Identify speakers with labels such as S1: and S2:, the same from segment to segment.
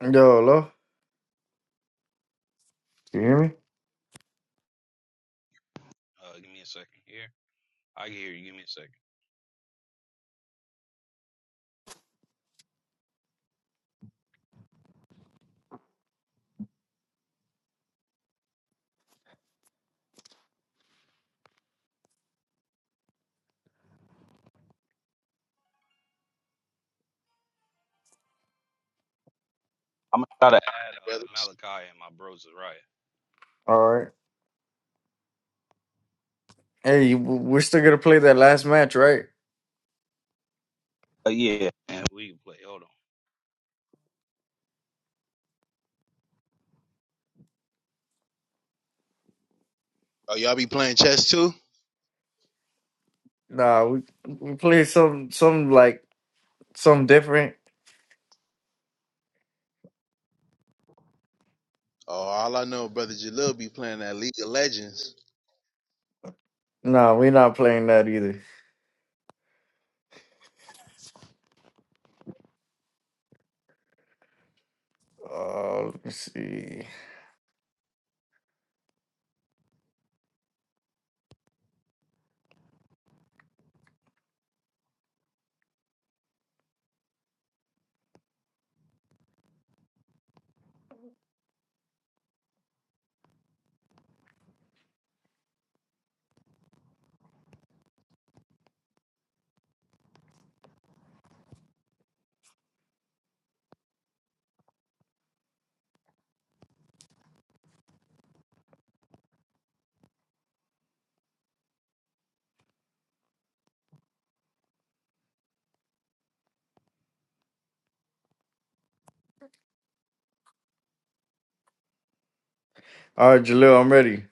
S1: Yo, hello? You hear me?
S2: Uh, give me a second here. I can hear you. Give me a second. I'm gonna try to add uh
S3: brothers.
S2: Malachi and my bro Zariah,
S1: All right. Hey, you- we're still gonna play that last match, right?
S2: uh, yeah. and we can play. Hold on.
S3: Oh, y'all be playing chess too?
S1: Nah, we we play some some like some different.
S3: Oh, all I know, brother Jalil be playing that League of Legends.
S1: Nah, we not playing that either. Uh, let me see. All right, Jalil, I'm ready.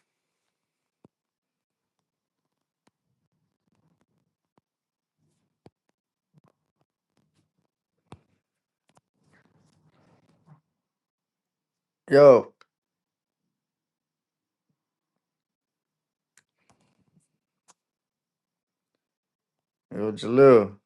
S1: Yo, yo, Jalil.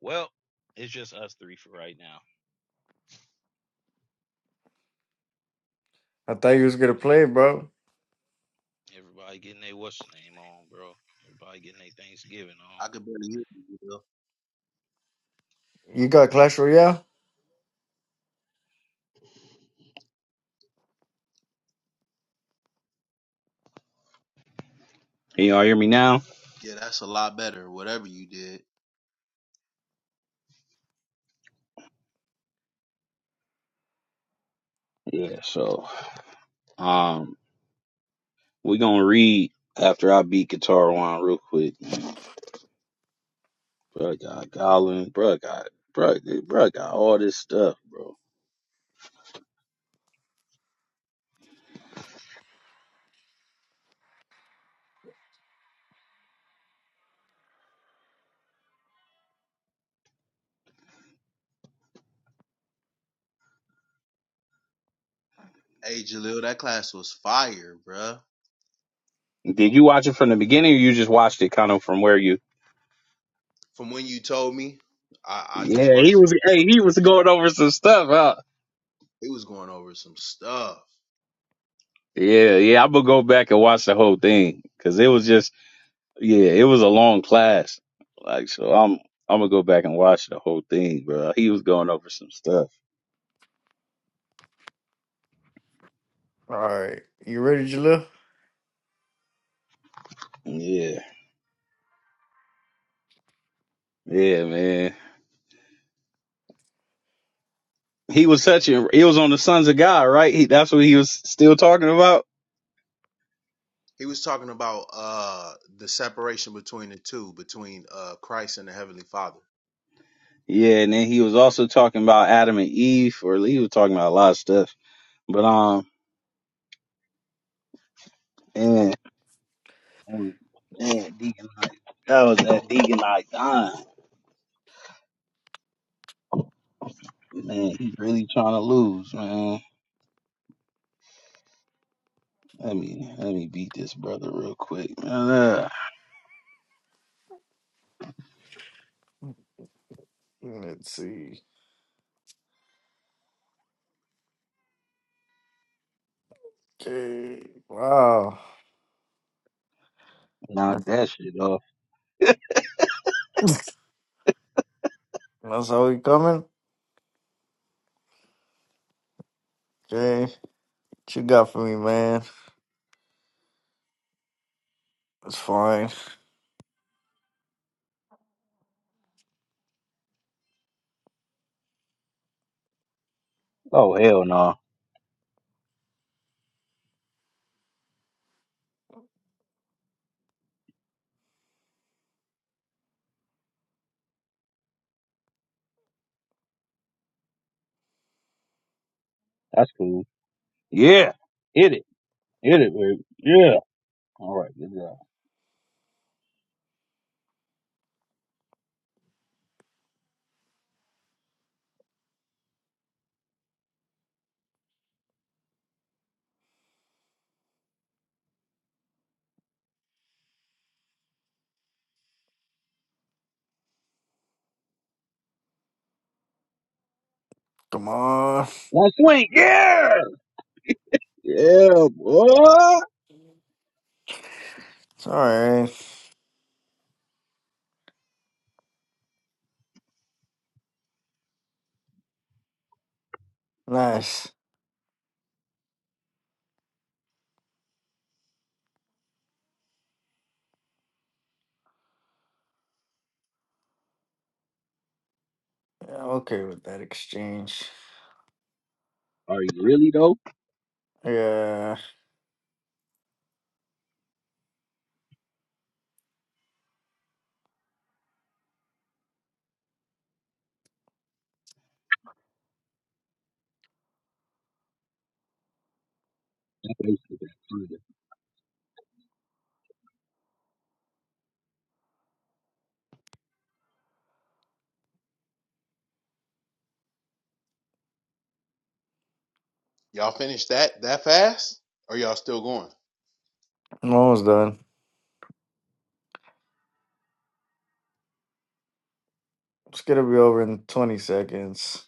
S2: Well, it's just us three for right now.
S1: I thought you was gonna play,
S2: Every,
S1: bro.
S2: everybody getting their what's name on, bro. Everybody getting their Thanksgiving on.
S3: I could barely hear you, Jalil.
S1: You got Clash Royale?
S2: Can y'all hear me now?
S3: Yeah, that's a lot better. Whatever you did.
S2: Yeah, so um we're gonna read after I beat guitar one real quick. Bro got Goblin, Bro got bro bro got all this stuff, bro.
S3: Hey, Jalil, that class was fire, bruh.
S2: Did you watch it from the beginning or you just watched it kind of from where you
S3: From when you told me, I, I just
S2: Yeah, he
S3: watched it.
S2: was. Hey, he was going over some stuff. Huh?
S3: He was going over some stuff.
S2: Yeah, yeah. I'm gonna go back and watch the whole thing because it was just. Yeah, it was a long class. Like so, I'm. I'm gonna go back and watch the whole thing, bro. He was going over some stuff.
S1: All right. You ready, Jalil?
S2: Yeah, yeah, man. He was touching. He was on the Sons of God, right? He, that's what he was still talking about.
S3: He was talking about uh the separation between the two, between uh Christ and the Heavenly Father.
S2: Yeah, and then he was also talking about Adam and Eve, or he was talking about a lot of stuff. But um, and man, Deacon, Knight- that was that Deacon I dying. Man, he really trying to lose, man. Let me let me beat this brother real quick, man. Ugh.
S1: Let's see. Okay. Wow.
S2: knock that shit off.
S1: That's how we coming? Okay. What you got for me, man? That's fine.
S2: Oh hell no, that's cool. Yeah, hit it, hit it, baby. Yeah. All right, good job.
S1: Come on.
S2: One swing. Yeah, yeah, boy.
S1: Sorry. Nice. Yeah, I'm okay with that exchange.
S2: Are you really though?
S1: Yeah,
S2: That's what I'm saying.
S3: Y'all finished that that fast? Or y'all still going?
S1: I'm almost done. It's gonna be over in 20 seconds.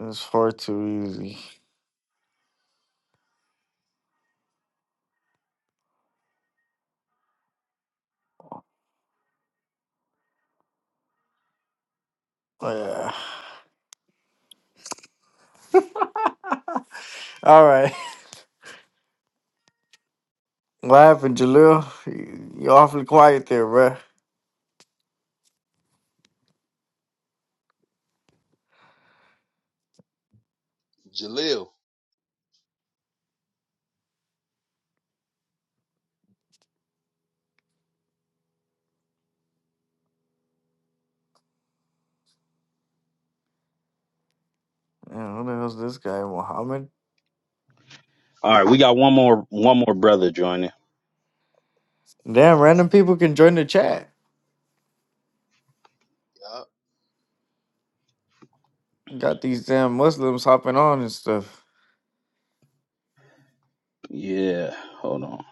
S1: It's far too easy. Oh, yeah. All right. What happened, Jalil? You you awfully quiet there, bruh.
S3: Jalil.
S1: Yeah, who the hell's this guy, Mohammed?
S2: All right, we got one more one more brother joining.
S1: Damn, random people can join the chat.
S3: Yup.
S1: Got these damn Muslims hopping on and stuff.
S2: Yeah, hold on.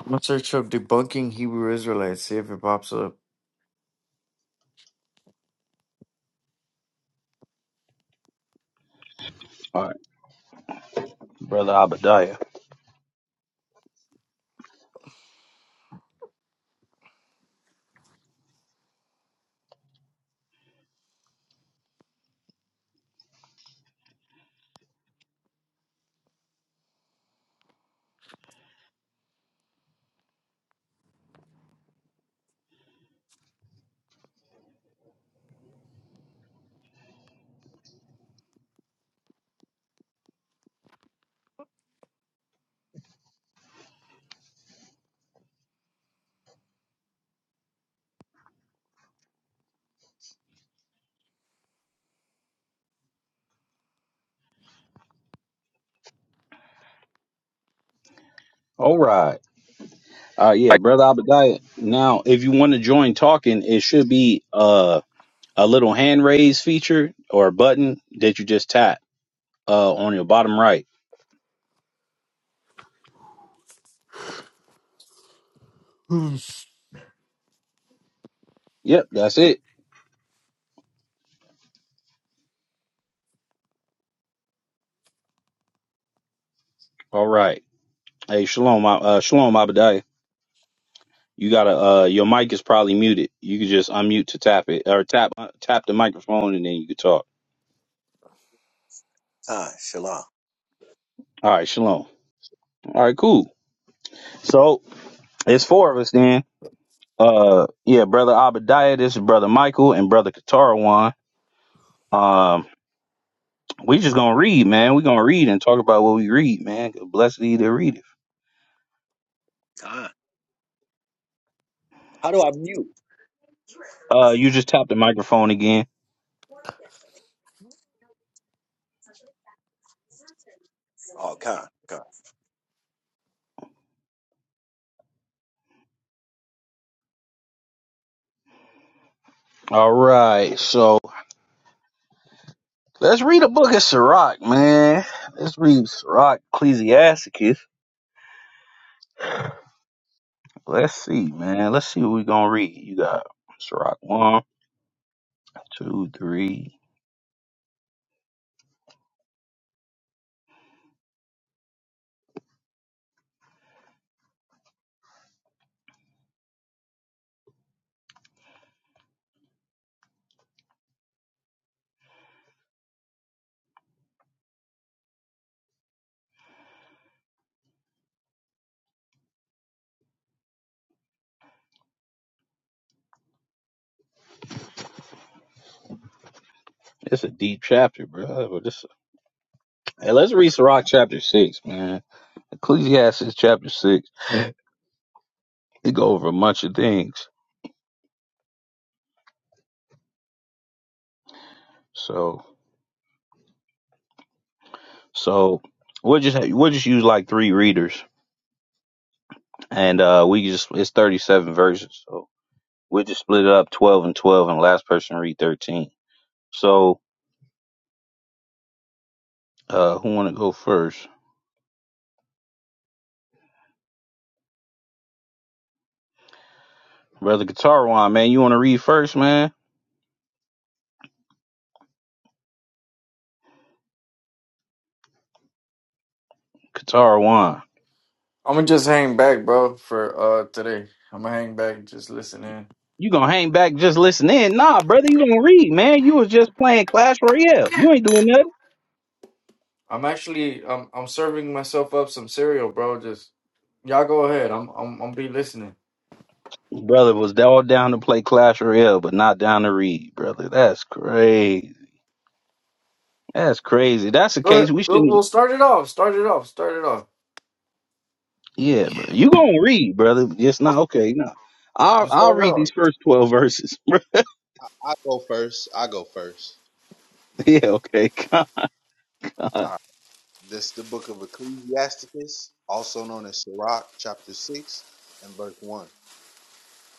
S1: I'm gonna search up debunking Hebrew Israelites, see if it pops up.
S2: All right, brother Abadiah. All right. Uh yeah, brother Abadiah. Now, if you want to join talking, it should be uh a little hand raise feature or a button that you just tap uh on your bottom right. Yep, that's it. All right. Hey, shalom, uh uh, shalom Abadiah. You gotta uh your mic is probably muted. You can just unmute to tap it or tap uh, tap the microphone and then you can talk.
S4: Khan, Shalom.
S2: All right, shalom. All right, cool. So it's four of us then. Uh yeah, brother Abadiah, this is brother Michael and brother Katarwan. Um We just gonna read, man. We gonna read and talk about what we read, man. 'cause Blessed he that readeth.
S4: Con. How do I mute?
S2: Uh, you just tapped the microphone again.
S4: Oh, Khan, Khan.
S2: All right, so let's read a book of Sirach, man. Let's read Sirach, Ecclesiasticus. Let's see, man. Let's see what we gonna read. You got Sirach one, two, three. It's a deep chapter, bro. But this, hey, let's read Sirach chapter six, man. Ecclesiastes chapter six. It go over a bunch of things. So So we'll just we'll just use like three readers, and uh, we just it's thirty seven verses. So we'll just split it up twelve and twelve, and last person read thirteen. So uh, who want to go first, brother Katarwan? Man, you want to read first, man? Katarwan,
S1: I'm gonna just hang back, bro, for uh today. I'm gonna hang back, and just listen in.
S2: you gonna hang back and just listen in? Nah, brother, you gonna read, man. You was just playing Clash Royale. You ain't doing nothing.
S1: I'm actually I'm I'm serving myself up some cereal, bro. Just y'all go ahead. I'm I'm I'm be listening.
S2: Brother was all down to play Clash Royale, but not down to read, brother. That's crazy. That's crazy. That's the
S1: Go ahead.
S2: case. We
S1: We'll,
S2: shouldn't.
S1: we'll start it off. Start it off. Start it off.
S2: Yeah, bro. You gonna read, brother. It's not okay. No, I'll
S1: Just
S2: I'll
S1: start it
S2: read
S1: off.
S2: these first twelve verses. bro.
S3: I, I go first. I go first.
S2: yeah, okay.
S3: All
S2: God.
S3: right. This the book of Ecclesiasticus, also known as Sirach, chapter 6 and verse 1.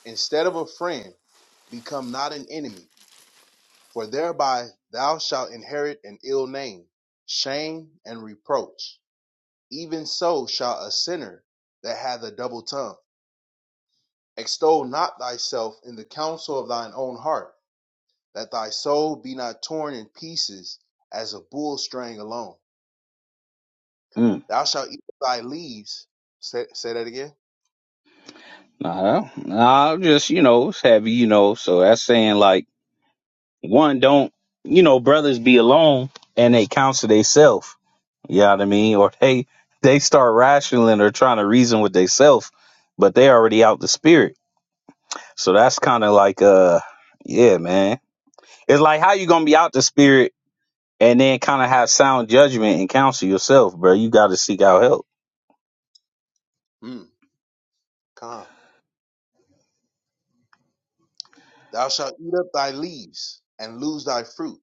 S3: Instead of a friend, become not an enemy, for thereby thou shalt inherit an ill name, shame, and reproach. Even so shall a sinner that hath a double tongue. Extol not thyself in the counsel of thine own heart, that thy soul be not torn in pieces as a bull straying alone.
S2: Mm,
S3: Thou shalt eat of thy leaves. Say, say that again.
S2: nah, I'll just you know it's heavy. You know, so that's saying like one don't you know brothers be alone and they counsel they self. You know what I mean? Or they they start rationaling or trying to reason with they self, but they already out the spirit. So that's kind of like uh yeah, man. It's like how you gonna be out the spirit and then kind of have sound judgment and counsel yourself, bro. You got to seek out help.
S3: Mm, come. Thou shalt eat up thy leaves, and lose thy fruit,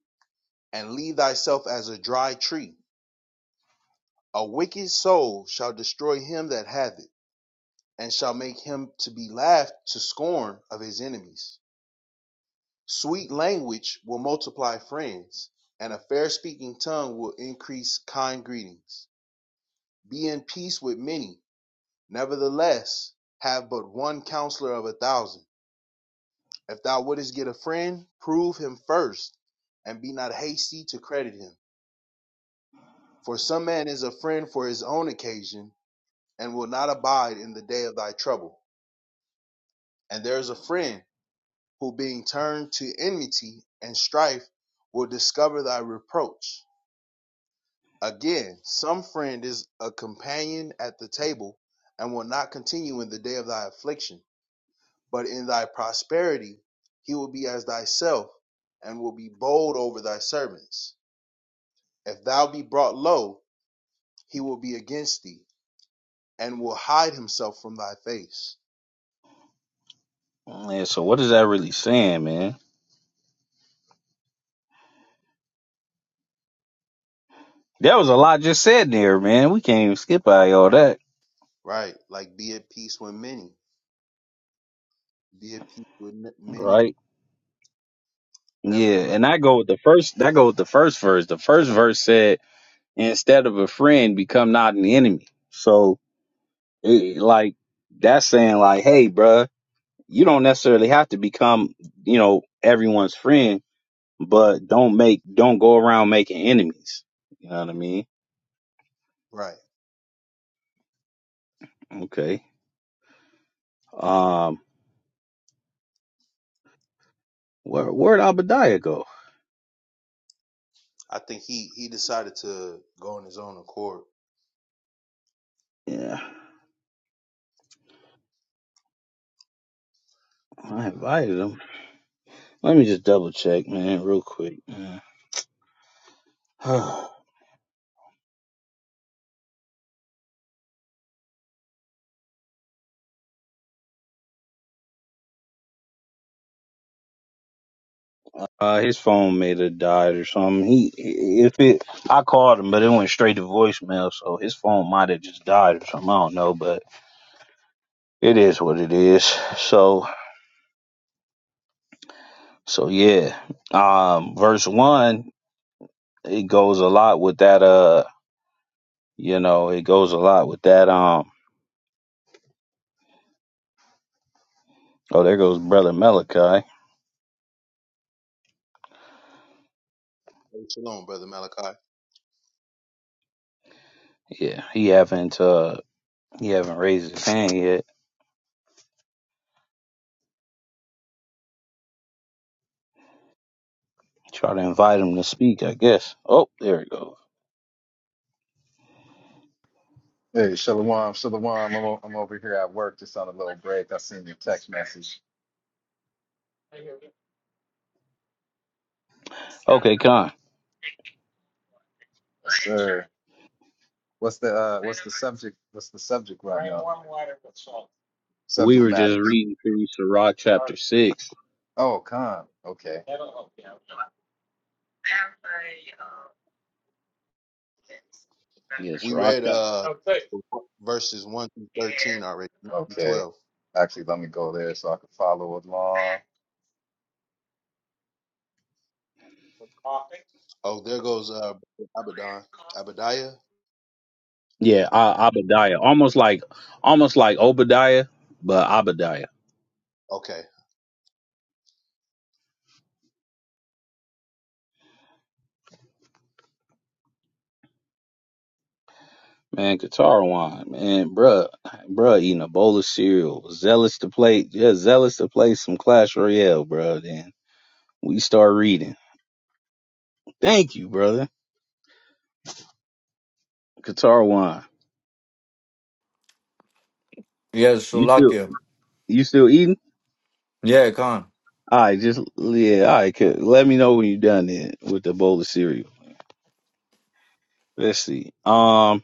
S3: and leave thyself as a dry tree. A wicked soul shall destroy him that hath it, and shall make him to be laughed to scorn of his enemies. Sweet language will multiply friends, and a fair speaking tongue will increase kind greetings. Be in peace with many, nevertheless, have but one counselor of a thousand. If thou wouldest get a friend, prove him first, and be not hasty to credit him. For some man is a friend for his own occasion, and will not abide in the day of thy trouble. And there is a friend who, being turned to enmity and strife, will discover thy reproach. Again, some friend is a companion at the table, and will not continue in the day of thy affliction. But in thy prosperity, he will be as thyself, and will be bold over thy servants. If thou be brought low, he will be against thee, and will hide himself from thy face.
S2: Man, so what is that really saying, man? There was a lot just said there, man. We can't even skip by all that,
S3: Right. Like be at peace with many. Be at peace with n- many.
S2: right? Yeah,
S3: Nevertheless.
S2: and I go with the first. That go with the first verse. The first verse said, "Instead of a friend, become not an enemy." So, it, like, that's saying, like, hey, bruh, you don't necessarily have to become, you know, everyone's friend, but don't make, don't go around making enemies. You know what I mean?
S3: Right.
S2: Okay. Um, where where'd Abadiah go?
S3: I think he he decided to go on his own accord.
S2: Yeah, I invited him. Let me just double check, man, real quick. man. uh, his phone may have died or something. He if it, I called him, but it went straight to voicemail, so his phone might have just died or something. I don't know, but it is what it is. So so yeah. Um, verse one, it goes a lot with that. Uh, you know, it goes a lot with that. Um, oh, there goes brother Malachi.
S3: Hey, Shalom, brother Malachi.
S2: Yeah, he having to. He haven't raised his hand yet. Try to invite him to speak, I guess. Oh, there it goes.
S5: Hey, Shalom, Shalom. I'm, o- I'm over here at work, just on a little break. I seen your text message.
S2: Okay, Con.
S5: Yes, sir. What's the uh, what's the subject? What's the subject right now?
S2: We
S5: Subject
S2: were just
S5: matters.
S2: reading through Sirach chapter six.
S5: Oh, con. Okay.
S2: Yeah,
S3: We
S2: Sirach
S3: read
S2: chapter.
S3: uh verses one through thirteen already. one through
S5: Okay.
S3: Twelve.
S5: Actually, let me go there so I can follow along.
S3: Oh, there goes uh Abaddon. Abadiah.
S2: Yeah, uh, Obadiah. Almost like, almost like Obadiah, but Obadiah.
S3: Okay.
S2: Man, Qatar wine. Man, bruh, bruh, eating a bowl of cereal. Zealous to play, yeah, zealous to play some Clash Royale, bruh. Then we start reading. Thank you, brother. Qatar wine.
S1: Yeah,
S2: You still,
S1: Slovakia.
S2: you still eating?
S1: Yeah, Khan.
S2: All right, just yeah. All right, cool. let me know when you're done then with the bowl of cereal. Let's see. Um,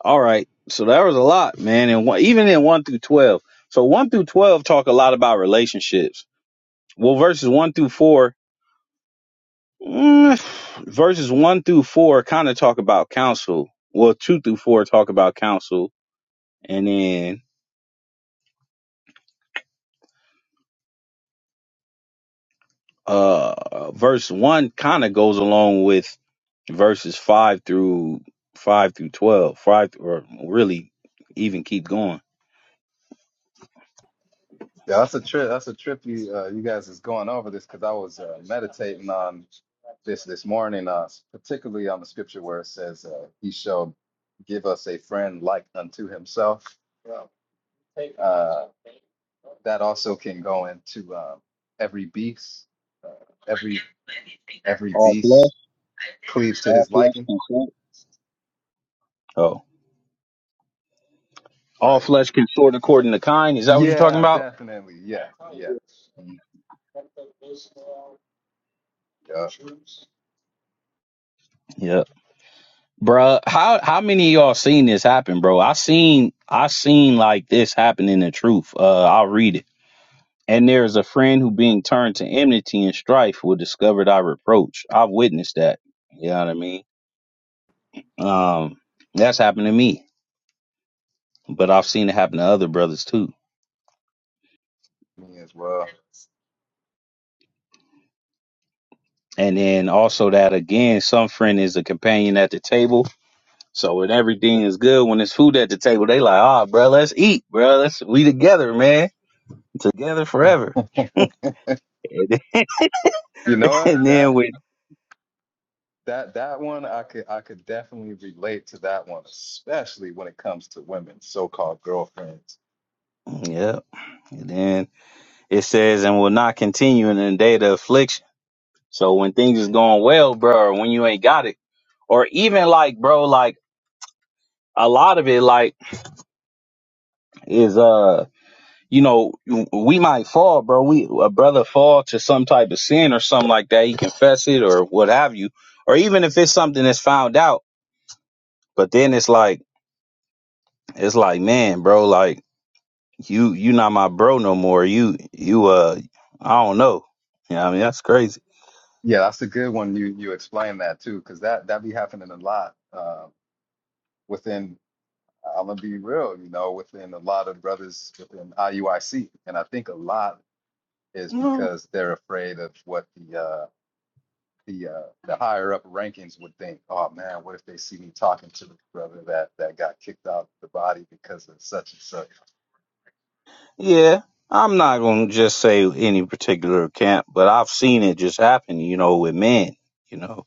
S2: all right. So that was a lot, man. And one, even in one through twelve. So one through twelve talk a lot about relationships. Well, verses one through four, mm, verses one through four kind of talk about counsel. Well, two through four talk about counsel, and then Uh, verse one kind of goes along with verses five through five through twelve. Five th- or really even keep going.
S5: Yeah, that's a trip. That's a trip. You uh, you guys is going over this because I was uh, meditating on this this morning, uh, particularly on the scripture where it says uh, he shall give us a friend like unto himself. Uh, that also can go into uh, every beast, every every
S2: All flesh,
S5: beast cleaves to
S2: all
S5: his
S2: flesh
S5: liking.
S2: consort. Oh, all
S3: Right.
S2: flesh consort according to kind. Is that what you're talking
S5: Yeah,
S2: about?
S5: definitely. Yeah, yeah.
S3: Yeah.
S5: Mhm. Yeah,
S2: Yeah, Bruh, How how many of y'all seen this happen, bro? I seen I seen like this happen in the truth. Uh, I'll read it. And there is a friend who, being turned to enmity and strife, will discover thy reproach. I've witnessed that. You know what I mean? Um, that's happened to me, but I've seen it happen to other brothers too.
S5: me as well.
S2: And then also that again, some friend is a companion at the table. So when everything is good, when there's food at the table, they like, ah, bro, let's eat, bro. Let's we together, man, together forever. And then,
S5: you know what?
S2: and then
S5: That
S2: with
S5: that that one I could I could definitely relate to that one, especially when it comes to women, so-called girlfriends.
S2: yeah, and then it says, and will not continue in the day of affliction. So when things is going well, bro, or when you ain't got it, or even like, bro, like a lot of it, like is uh. you know, we might fall, bro. We a brother fall to some type of sin or something like that. He confess it or what have you, or even if it's something that's found out. But then it's like it's like, man, bro, like you you not my bro no more. You you uh, I don't know. Yeah, I mean that's crazy.
S5: Yeah, that's a good one. You you explain that too, because that that be happening a lot uh, within I'm gonna be real, you know, within a lot of brothers within IUIC, and I think a lot is
S2: Mm,
S5: because they're afraid of what the uh, the uh, the higher up rankings would think. Oh man, what if they see me talking to the brother that that got kicked out of the body because of such and such?
S2: Yeah, I'm not gonna just say any particular camp, but I've seen it just happen. You know, with men, you know,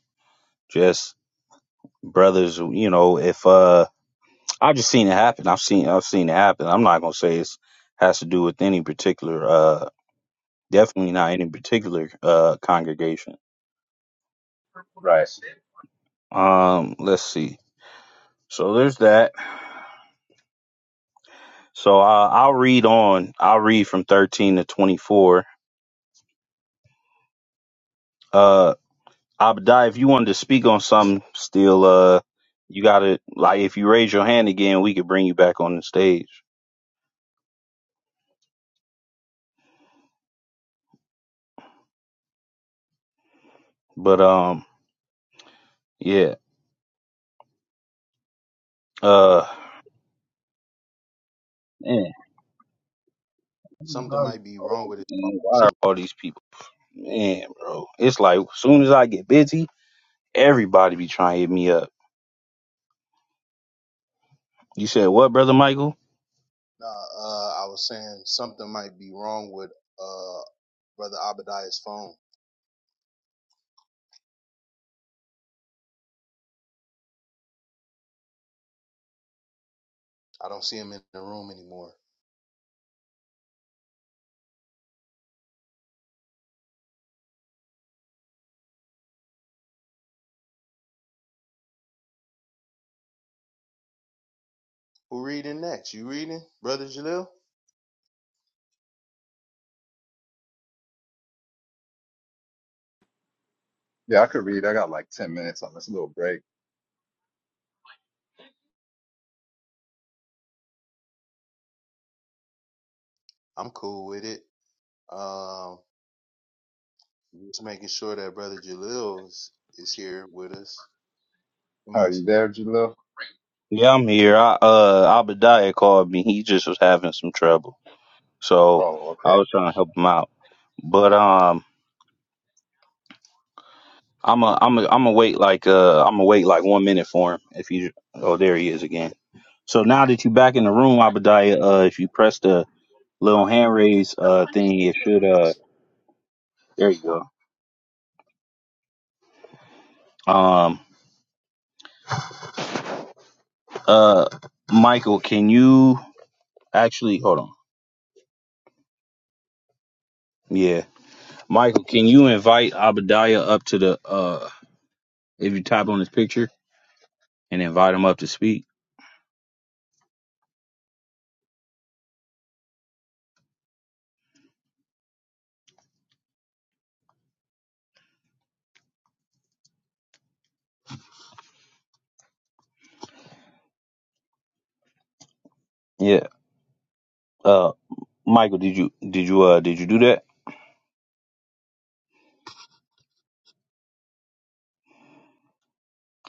S2: just brothers. You know, if uh I've just seen it happen. I've seen I've seen it happen. I'm not gonna say it's has to do with any particular uh definitely not any particular uh congregation.
S5: Right.
S2: Um let's see. So there's that. So uh, I'll read on. I'll read from 13 to 24. Uh Abdai, if you wanted to speak on something still uh you got to like if you raise your hand again, we could bring you back on the stage. But um yeah. Uh man,
S3: Something
S2: everybody-
S3: might be wrong
S2: oh,
S3: with his phone
S2: man,
S3: or
S2: why are
S3: something.
S2: all these people Man, bro. It's like as soon as I get busy, everybody be trying to hit me up. You said what, brother Michael?
S3: Nah, uh, I was saying something might be wrong with uh brother Abadiah's phone. I don't see him in the room anymore. Who reading next? You reading, Brother Jalil?
S5: Yeah, I could read. I got like ten minutes on this little break.
S3: I'm cool with it. Um, just making sure that Brother Jalil is, is here with us. He
S5: Are
S3: might-
S5: you there, Jalil?
S2: Yeah, I'm here. I uh Abadiah called me. He just was having some trouble. So
S5: Oh,
S2: I
S5: okay,
S2: was trying to help him out. But um I'm a I'm a I'm a wait like uh I'm gonna wait like one minute for him if you oh there he is again. So now that you back in the room, Abadiah, uh if you press the little hand raise uh thing, it should uh there you go. Um uh Michael, can you actually hold on? Yeah. Michael, can you invite Abadiah up to the uh if you type on his picture and invite him up to speak? Yeah. Uh Michael, did you did you uh did you do that?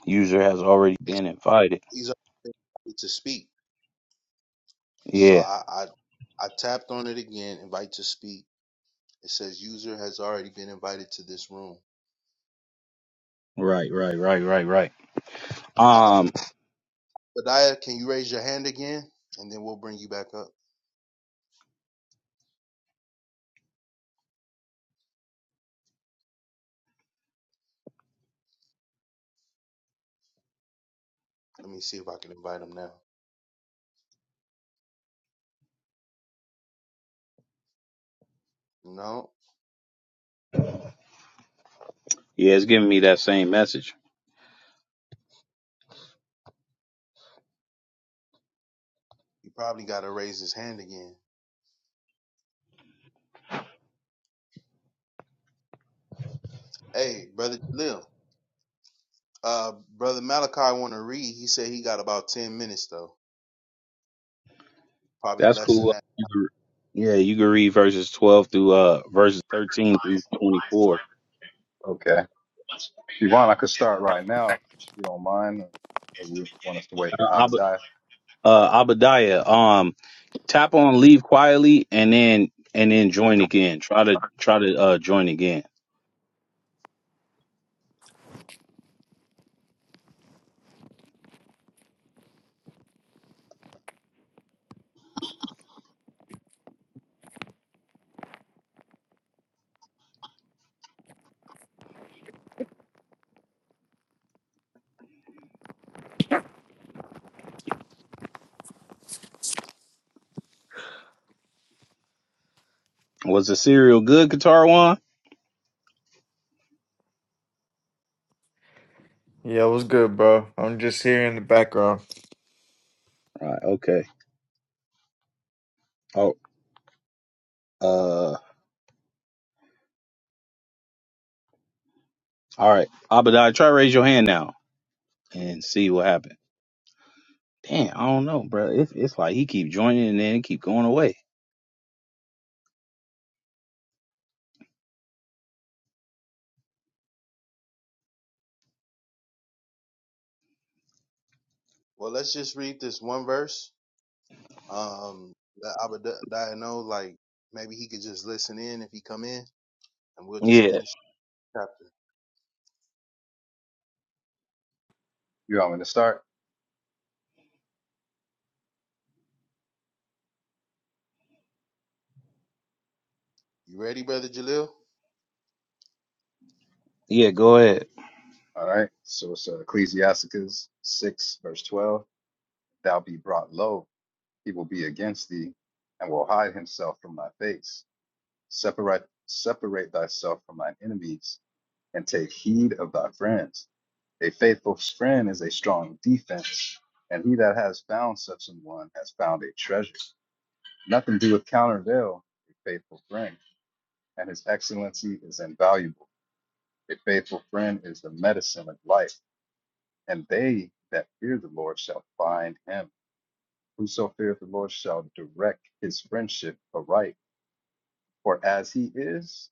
S2: User has already
S3: it's-
S2: been invited.
S3: He's invited to speak. So
S2: Yeah.
S3: I, I I tapped on it again. Invite to speak. It says user has already been invited to this room.
S2: Right, right, right, right, right.
S3: Uh,
S2: Um
S3: Badiah, can you raise your hand again, and then we'll bring you back up. Let me see if I can invite him now. No,
S2: yeah, it's giving me that same message.
S3: he probably got to raise his hand again. Hey, Brother Jalil. Uh, brother Malachi want to read. He said he got about ten minutes though, probably
S2: That's
S3: less than
S2: cool.
S3: that.
S2: You can, yeah, you can read verses 12 through uh verses 13 through 24.
S5: okay. If you want, I could start right now if you don't mind. Or you want us to wait for
S2: Uh, Ab-
S5: Abadiah?
S2: uh Abadiah, um Tap on leave quietly and then and then join again. Try to try to uh join again. Was the cereal good, Qatar one?
S1: Yeah, what's good, bro? I'm just here in the background.
S2: All Right, okay. Oh uh all right. Abadai, try to raise your hand now and see what happened. Damn, I don't know, bro. It's it's like he keep joining and then it keep going away.
S3: Well, let's just read this one verse. Um, that I would that I know like maybe he could just listen in if he come in, and we'll just
S2: Yeah,
S3: finish the chapter.
S5: You want me to start?
S3: You ready, brother Jalil?
S2: yeah, go ahead.
S5: All right. So it's uh, Ecclesiasticus 6, verse 12. Thou be brought low, he will be against thee, and will hide himself from thy face. Separate, separate thyself from thine enemies, and take heed of thy friends. A faithful friend is a strong defense, and he that has found such an one has found a treasure. Nothing doeth countervail a faithful friend, and his excellency is invaluable. A faithful friend is the medicine of life And they that fear the Lord shall find him. Whoso feareth the Lord shall direct his friendship aright. For as he is,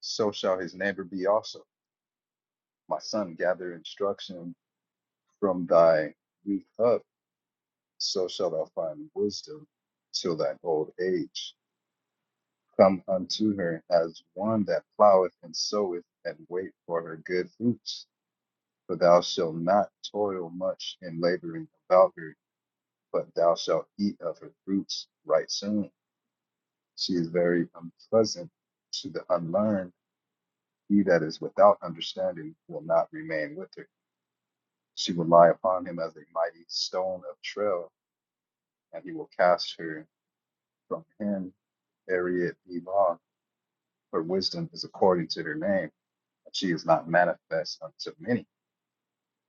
S5: so shall his neighbor be also. My son, gather instruction from thy youth up, so shalt thou find wisdom till thine old age. Come unto her as one that ploweth and soweth, and wait for her good fruits. For thou shalt not toil much in laboring about her but thou shalt eat of her fruits right soon. She is very unpleasant to the unlearned. He that is without understanding will not remain with her. She will lie upon him as a mighty stone of trail, and he will cast her from him. Ariat Elon, her wisdom is according to her name, and she is not manifest unto many.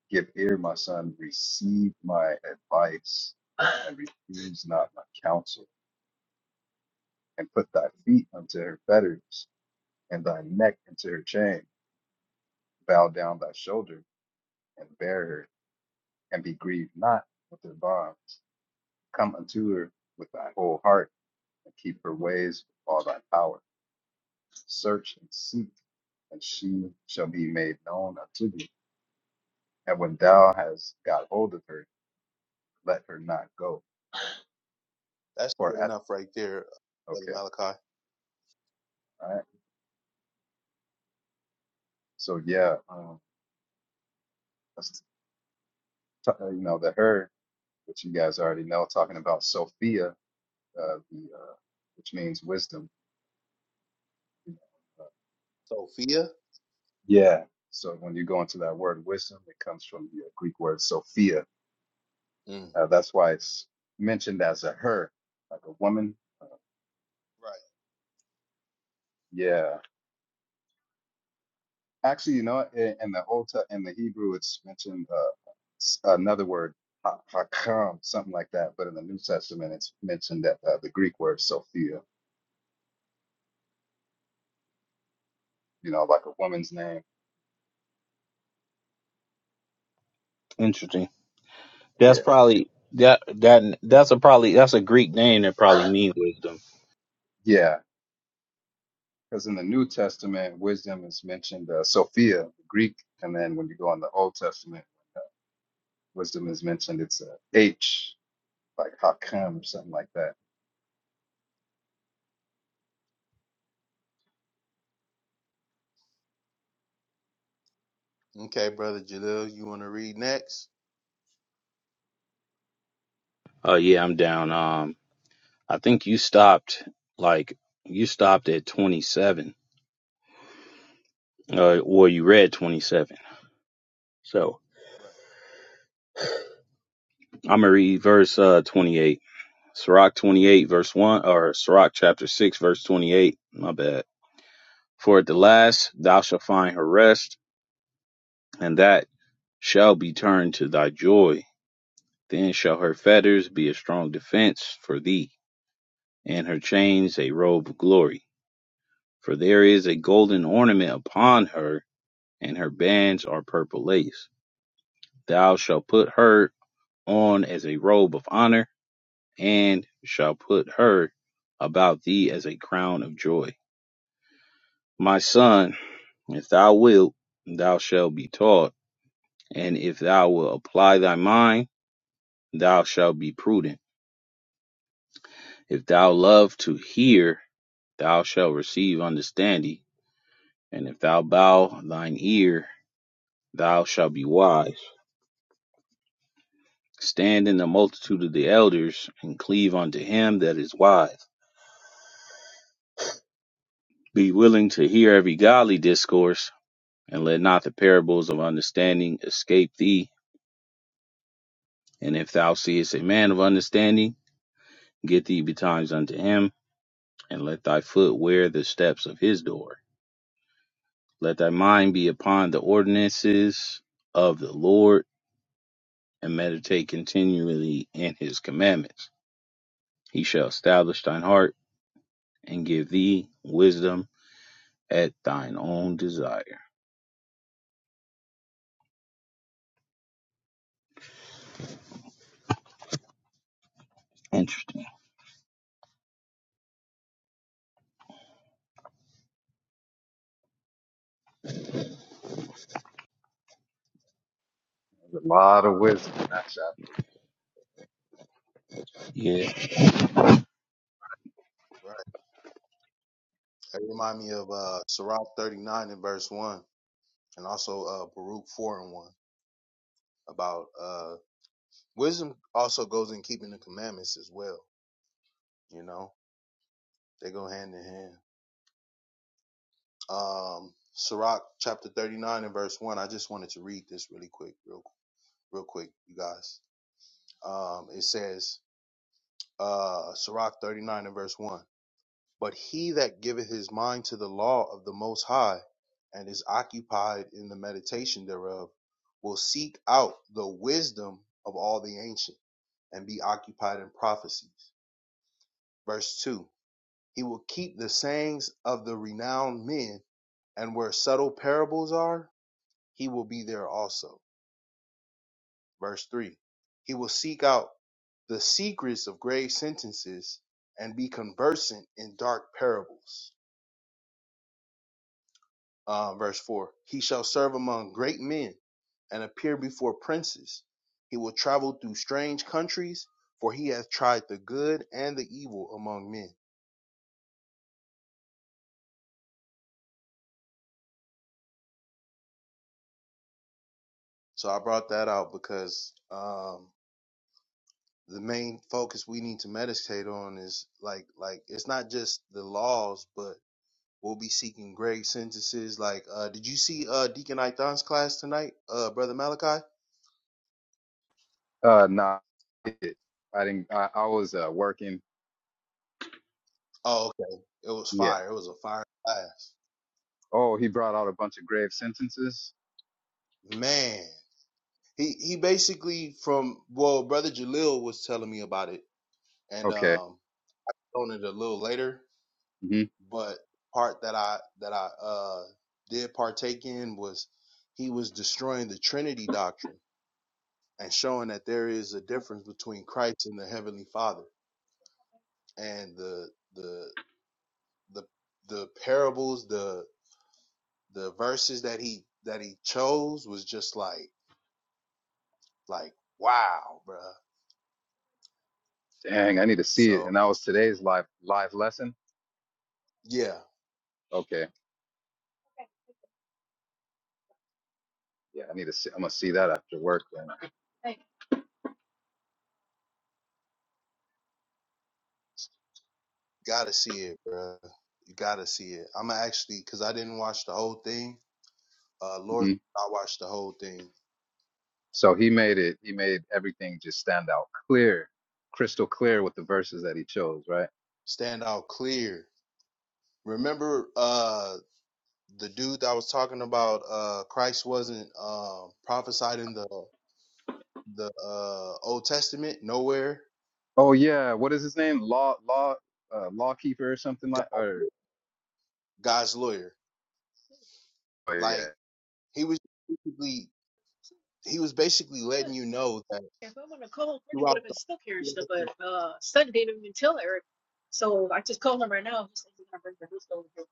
S5: Give ear, my son, receive my advice, use not my counsel, and put thy feet unto her fetters. and thy neck into her shame. Bow down thy shoulder and bear her, and be grieved not with her bonds. Come unto her with thy whole heart, and keep her ways with all thy power. Search and seek, and she shall be made known unto thee. And when thou hast got hold of her, let her not go.
S3: That's
S5: For
S3: good
S5: at
S3: enough right there, brother
S5: okay,
S3: Malachi.
S5: all right. So yeah, um, that's t- uh, you know the her, which you guys already know, talking about Sophia, uh, the uh, which means wisdom
S3: Sophia.
S5: Yeah. So when you go into that word wisdom, it comes from the Greek word Sophia.
S3: Mm.
S5: Uh, that's why it's mentioned as a her, like a woman. Uh,
S3: Right.
S5: yeah. Actually, you know, what? in, in the Old Te- in the Hebrew, it's mentioned uh, s- another word, ha- hakam, something like that. But in the New Testament, it's mentioned that uh, the Greek word Sophia. You know, like a woman's name.
S2: Interesting. That's
S5: Yeah.
S2: probably that that that's a probably that's a Greek name that probably means wisdom.
S5: Yeah. Because in the New Testament, wisdom is mentioned uh, Sophia, Greek, and then when you go in the Old Testament. wisdom is mentioned. It's a H, like how come or something like that.
S3: Okay, brother Jalil, you want to read next?
S2: Oh yeah, I'm down. Um I think you stopped like you stopped at 27 uh, well, you read 27. So
S3: Right.
S2: I'm going to read verse uh, 28. Sirach 28, verse 1, or Sirach chapter 6, verse 28. My bad. For at the last thou shalt find her rest, and that shall be turned to thy joy. Then shall her fetters be a strong defense for thee, and her chains a robe of glory. For there is a golden ornament upon her, and her bands are purple lace. Thou shalt put her on as a robe of honor and shall put her about thee as a crown of joy. My son, if thou wilt, thou shalt be taught, and if thou wilt apply thy mind, thou shalt be prudent. If thou love to hear, thou shalt receive understanding, and if thou bow thine ear, thou shalt be wise. Stand in the multitude of the elders, and cleave unto him that is wise. Be willing to hear every godly discourse, and let not the parables of understanding escape thee. And if thou seest a man of understanding, get thee betimes unto him, and let thy foot wear the steps of his door. Let thy mind be upon the ordinances of the Lord, and meditate continually in his commandments. He shall establish thine heart and give thee wisdom at thine own desire. Interesting.
S5: There's a lot of wisdom in
S2: Yeah.
S3: Right. That remind me of uh Sirach thirty nine and verse one, and also uh Baruch four and one about uh. Wisdom also goes in keeping the commandments as well. You know, they go hand in hand. Um, Sirach chapter 39 and verse 1. I just wanted to read this really quick, real, real quick, you guys. Um, it says, uh, Sirach 39 and verse 1. But he that giveth his mind to the law of the Most High and is occupied in the meditation thereof will seek out the wisdom of all the ancient and be occupied in prophecies. Verse 2 He will keep the sayings of the renowned men, and where subtle parables are, he will be there also. Verse 3 He will seek out the secrets of grave sentences and be conversant in dark parables. Uh, verse 4 He shall serve among great men and appear before princes. He will travel through strange countries, for he has tried the good and the evil among men. So I brought that out because um, the main focus we need to meditate on is like like it's not just the laws, but we'll be seeking great sentences. Like, uh, did you see uh Deacon Ithon's class tonight, uh, brother Malachi?
S5: that chapter. Uh, nah, it- I didn't. I, I was uh, working.
S3: Oh, okay, it was
S5: Yeah.
S3: fire. It was a fire class,
S5: Oh, he brought out a bunch of grave sentences.
S3: man. He he basically from well, brother Jalil was telling me about it, and
S5: Okay.
S3: um, on it a little later,
S5: hmm
S3: but part that I that I uh did partake in was he was destroying the Trinity doctrine and showing that there is a difference between Christ and the Heavenly Father. And the the the the parables, the the verses that he that he chose was just like like wow, bruh.
S5: Dang, I need to see it.
S3: So
S5: And that was today's live live lesson.
S3: yeah,
S5: Okay. Yeah, I need to. See, I'm gonna see that after work then.
S3: gotta see it, bruh. You gotta see it. I'm actually because I didn't watch the whole thing. Uh, Lord,
S5: hmm
S3: I watched the whole thing.
S5: So he made it. He made everything just stand out clear, crystal clear with the verses that he chose, right?
S3: Stand out clear. Remember, uh, the dude that was talking about, uh, Christ wasn't um prophesied in the the uh, Old Testament, nowhere
S5: Oh yeah, what is his name? Law law uh lawkeeper or something like or
S3: God's lawyer.
S5: oh yeah.
S3: Like he was basically he was basically
S5: Good.
S3: letting you know that
S5: If I would have called, Brittany would
S3: throughout
S5: have been stuck here and
S3: the
S5: stuff, but uh, Son didn't even tell Eric. So I just called him right now. He said he's gonna bring the host over here.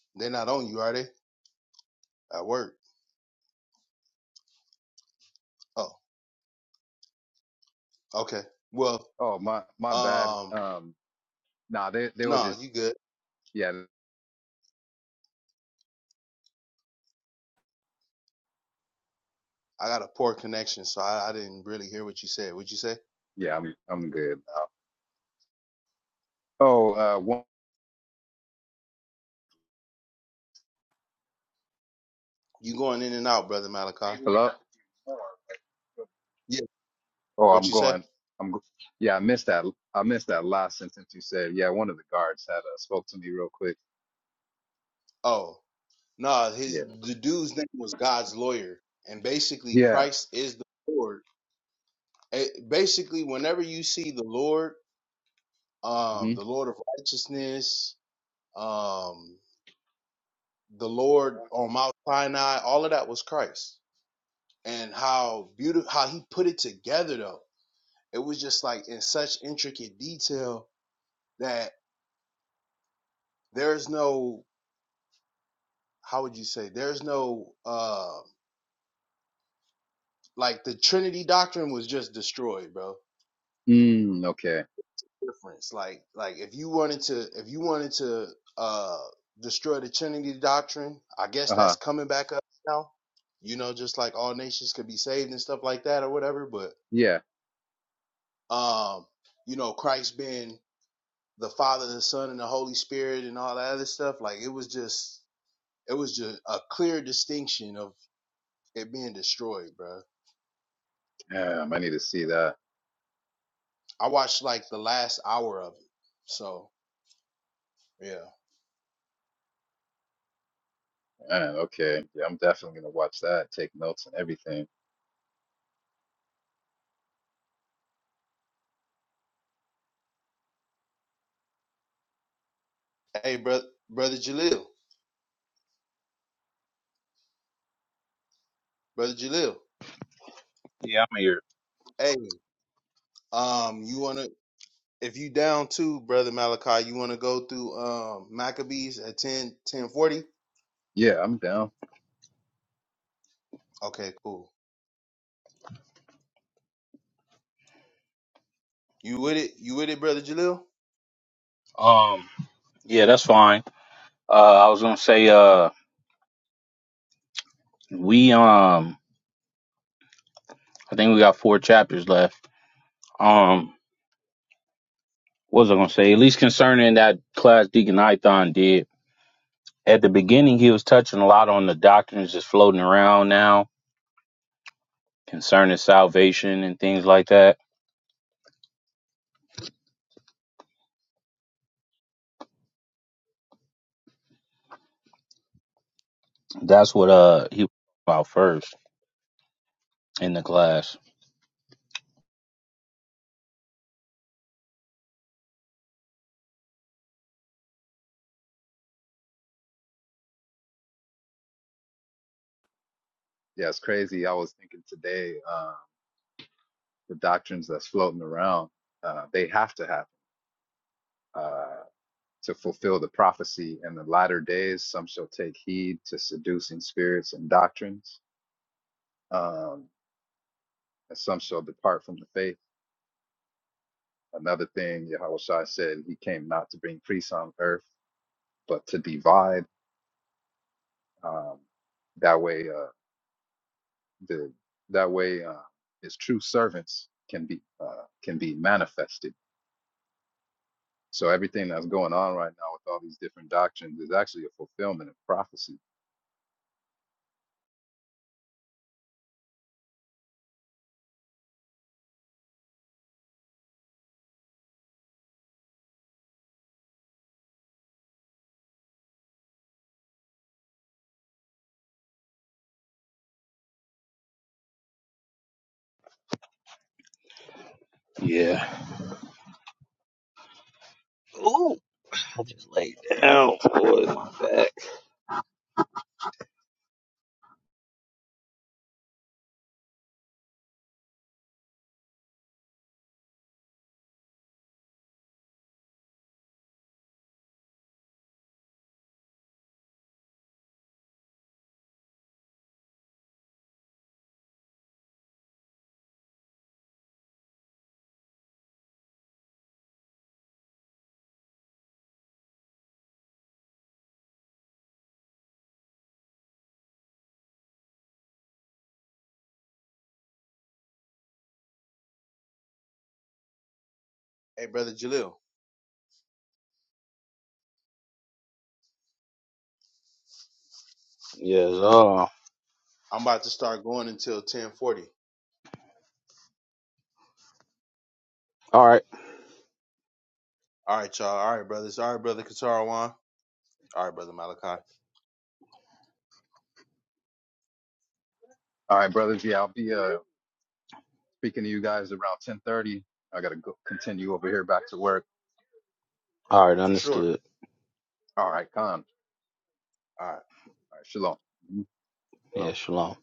S3: they're not on you, are they? At work. Oh, okay. Well,
S5: Oh my my bad.
S3: um,
S5: Um nah they they were
S3: no, you
S5: just
S3: good.
S5: yeah
S3: I got a poor connection, so I, I didn't really hear what you said. What'd you say?
S5: yeah I'm I'm good now. Oh uh one
S3: You going in and out, brother Malachi?
S5: hello.
S3: Yeah.
S5: Oh
S3: What
S5: I'm
S3: you say?
S5: going I'm go- yeah I missed that I missed that last sentence you said. Yeah one of the guards had uh, spoke to me real quick.
S3: Oh, no.
S5: Yeah.
S3: His the dude's name was God's lawyer, and basically
S5: Yeah.
S3: Christ is the Lord it, basically whenever you see the lord um
S5: hmm
S3: the lord of righteousness um the lord on mount sinai all of that was christ and how beautiful how he put it together though it was just like in such intricate detail that there's no how would you say there's no uh like the trinity doctrine was just destroyed bro
S5: Mm, okay.
S3: difference. Like like if you wanted to if you wanted to uh destroy the Trinity doctrine, I guess that's
S5: Uh-huh.
S3: coming back up now. You know, just like all nations could be saved and stuff like that or whatever. But
S5: Yeah.
S3: um, you know, Christ being the Father, the Son, and the Holy Spirit and all that other stuff, like it was just it was just a clear distinction of it being destroyed, bro.
S5: Um, I need to see that.
S3: I watched like the last hour of it. So yeah.
S5: Man, okay. Yeah, I'm definitely gonna watch that, take notes and everything.
S3: Hey brother brother Jalil. Brother Jalil.
S2: Yeah, I'm here.
S3: Hey, Um, you wanna if you down too, brother Malachi, you wanna go through um Maccabees at 10 1040?
S5: Yeah, I'm down.
S3: Okay, cool. You with it? You with it, brother Jalil?
S2: Um, yeah, that's fine. Uh, I was gonna say, uh, we, um, I think we got four chapters left. Um, what was I gonna say? At least concerning that class Deacon Ithon did. At the beginning he was touching a lot on the doctrines that's floating around now concerning salvation and things like that. That's what uh he was about first in the class.
S5: Yeah, it's crazy. I was thinking today, uh, the doctrines that's floating around, uh, they have to happen uh, to fulfill the prophecy. In the latter days, some shall take heed to seducing spirits and doctrines, um, and some shall depart from the faith. Another thing, Yahushua said, he came not to bring peace on earth, but to divide Um, that way, uh, the that way uh, his true servants can be uh, can be manifested. So everything that's going on right now with all these different doctrines is actually a fulfillment of prophecy.
S2: Yeah. Ooh, I just laid down, boy, my back.
S3: Hey, brother Jalil,
S2: Yes, uh
S3: I'm about to start going until ten forty.
S2: all right.
S3: All right, y'all. All right, brothers. All right, brother Katarawan. All right, brother Malachi,
S5: All right, brothers. Yeah, I'll be uh, speaking to you guys around ten thirty. I gotta go continue over here back to work.
S2: All right,
S3: for sure.
S2: understood.
S5: All right, con. All
S3: All right,
S5: right, shalom.
S2: Yeah,
S3: no.
S2: shalom.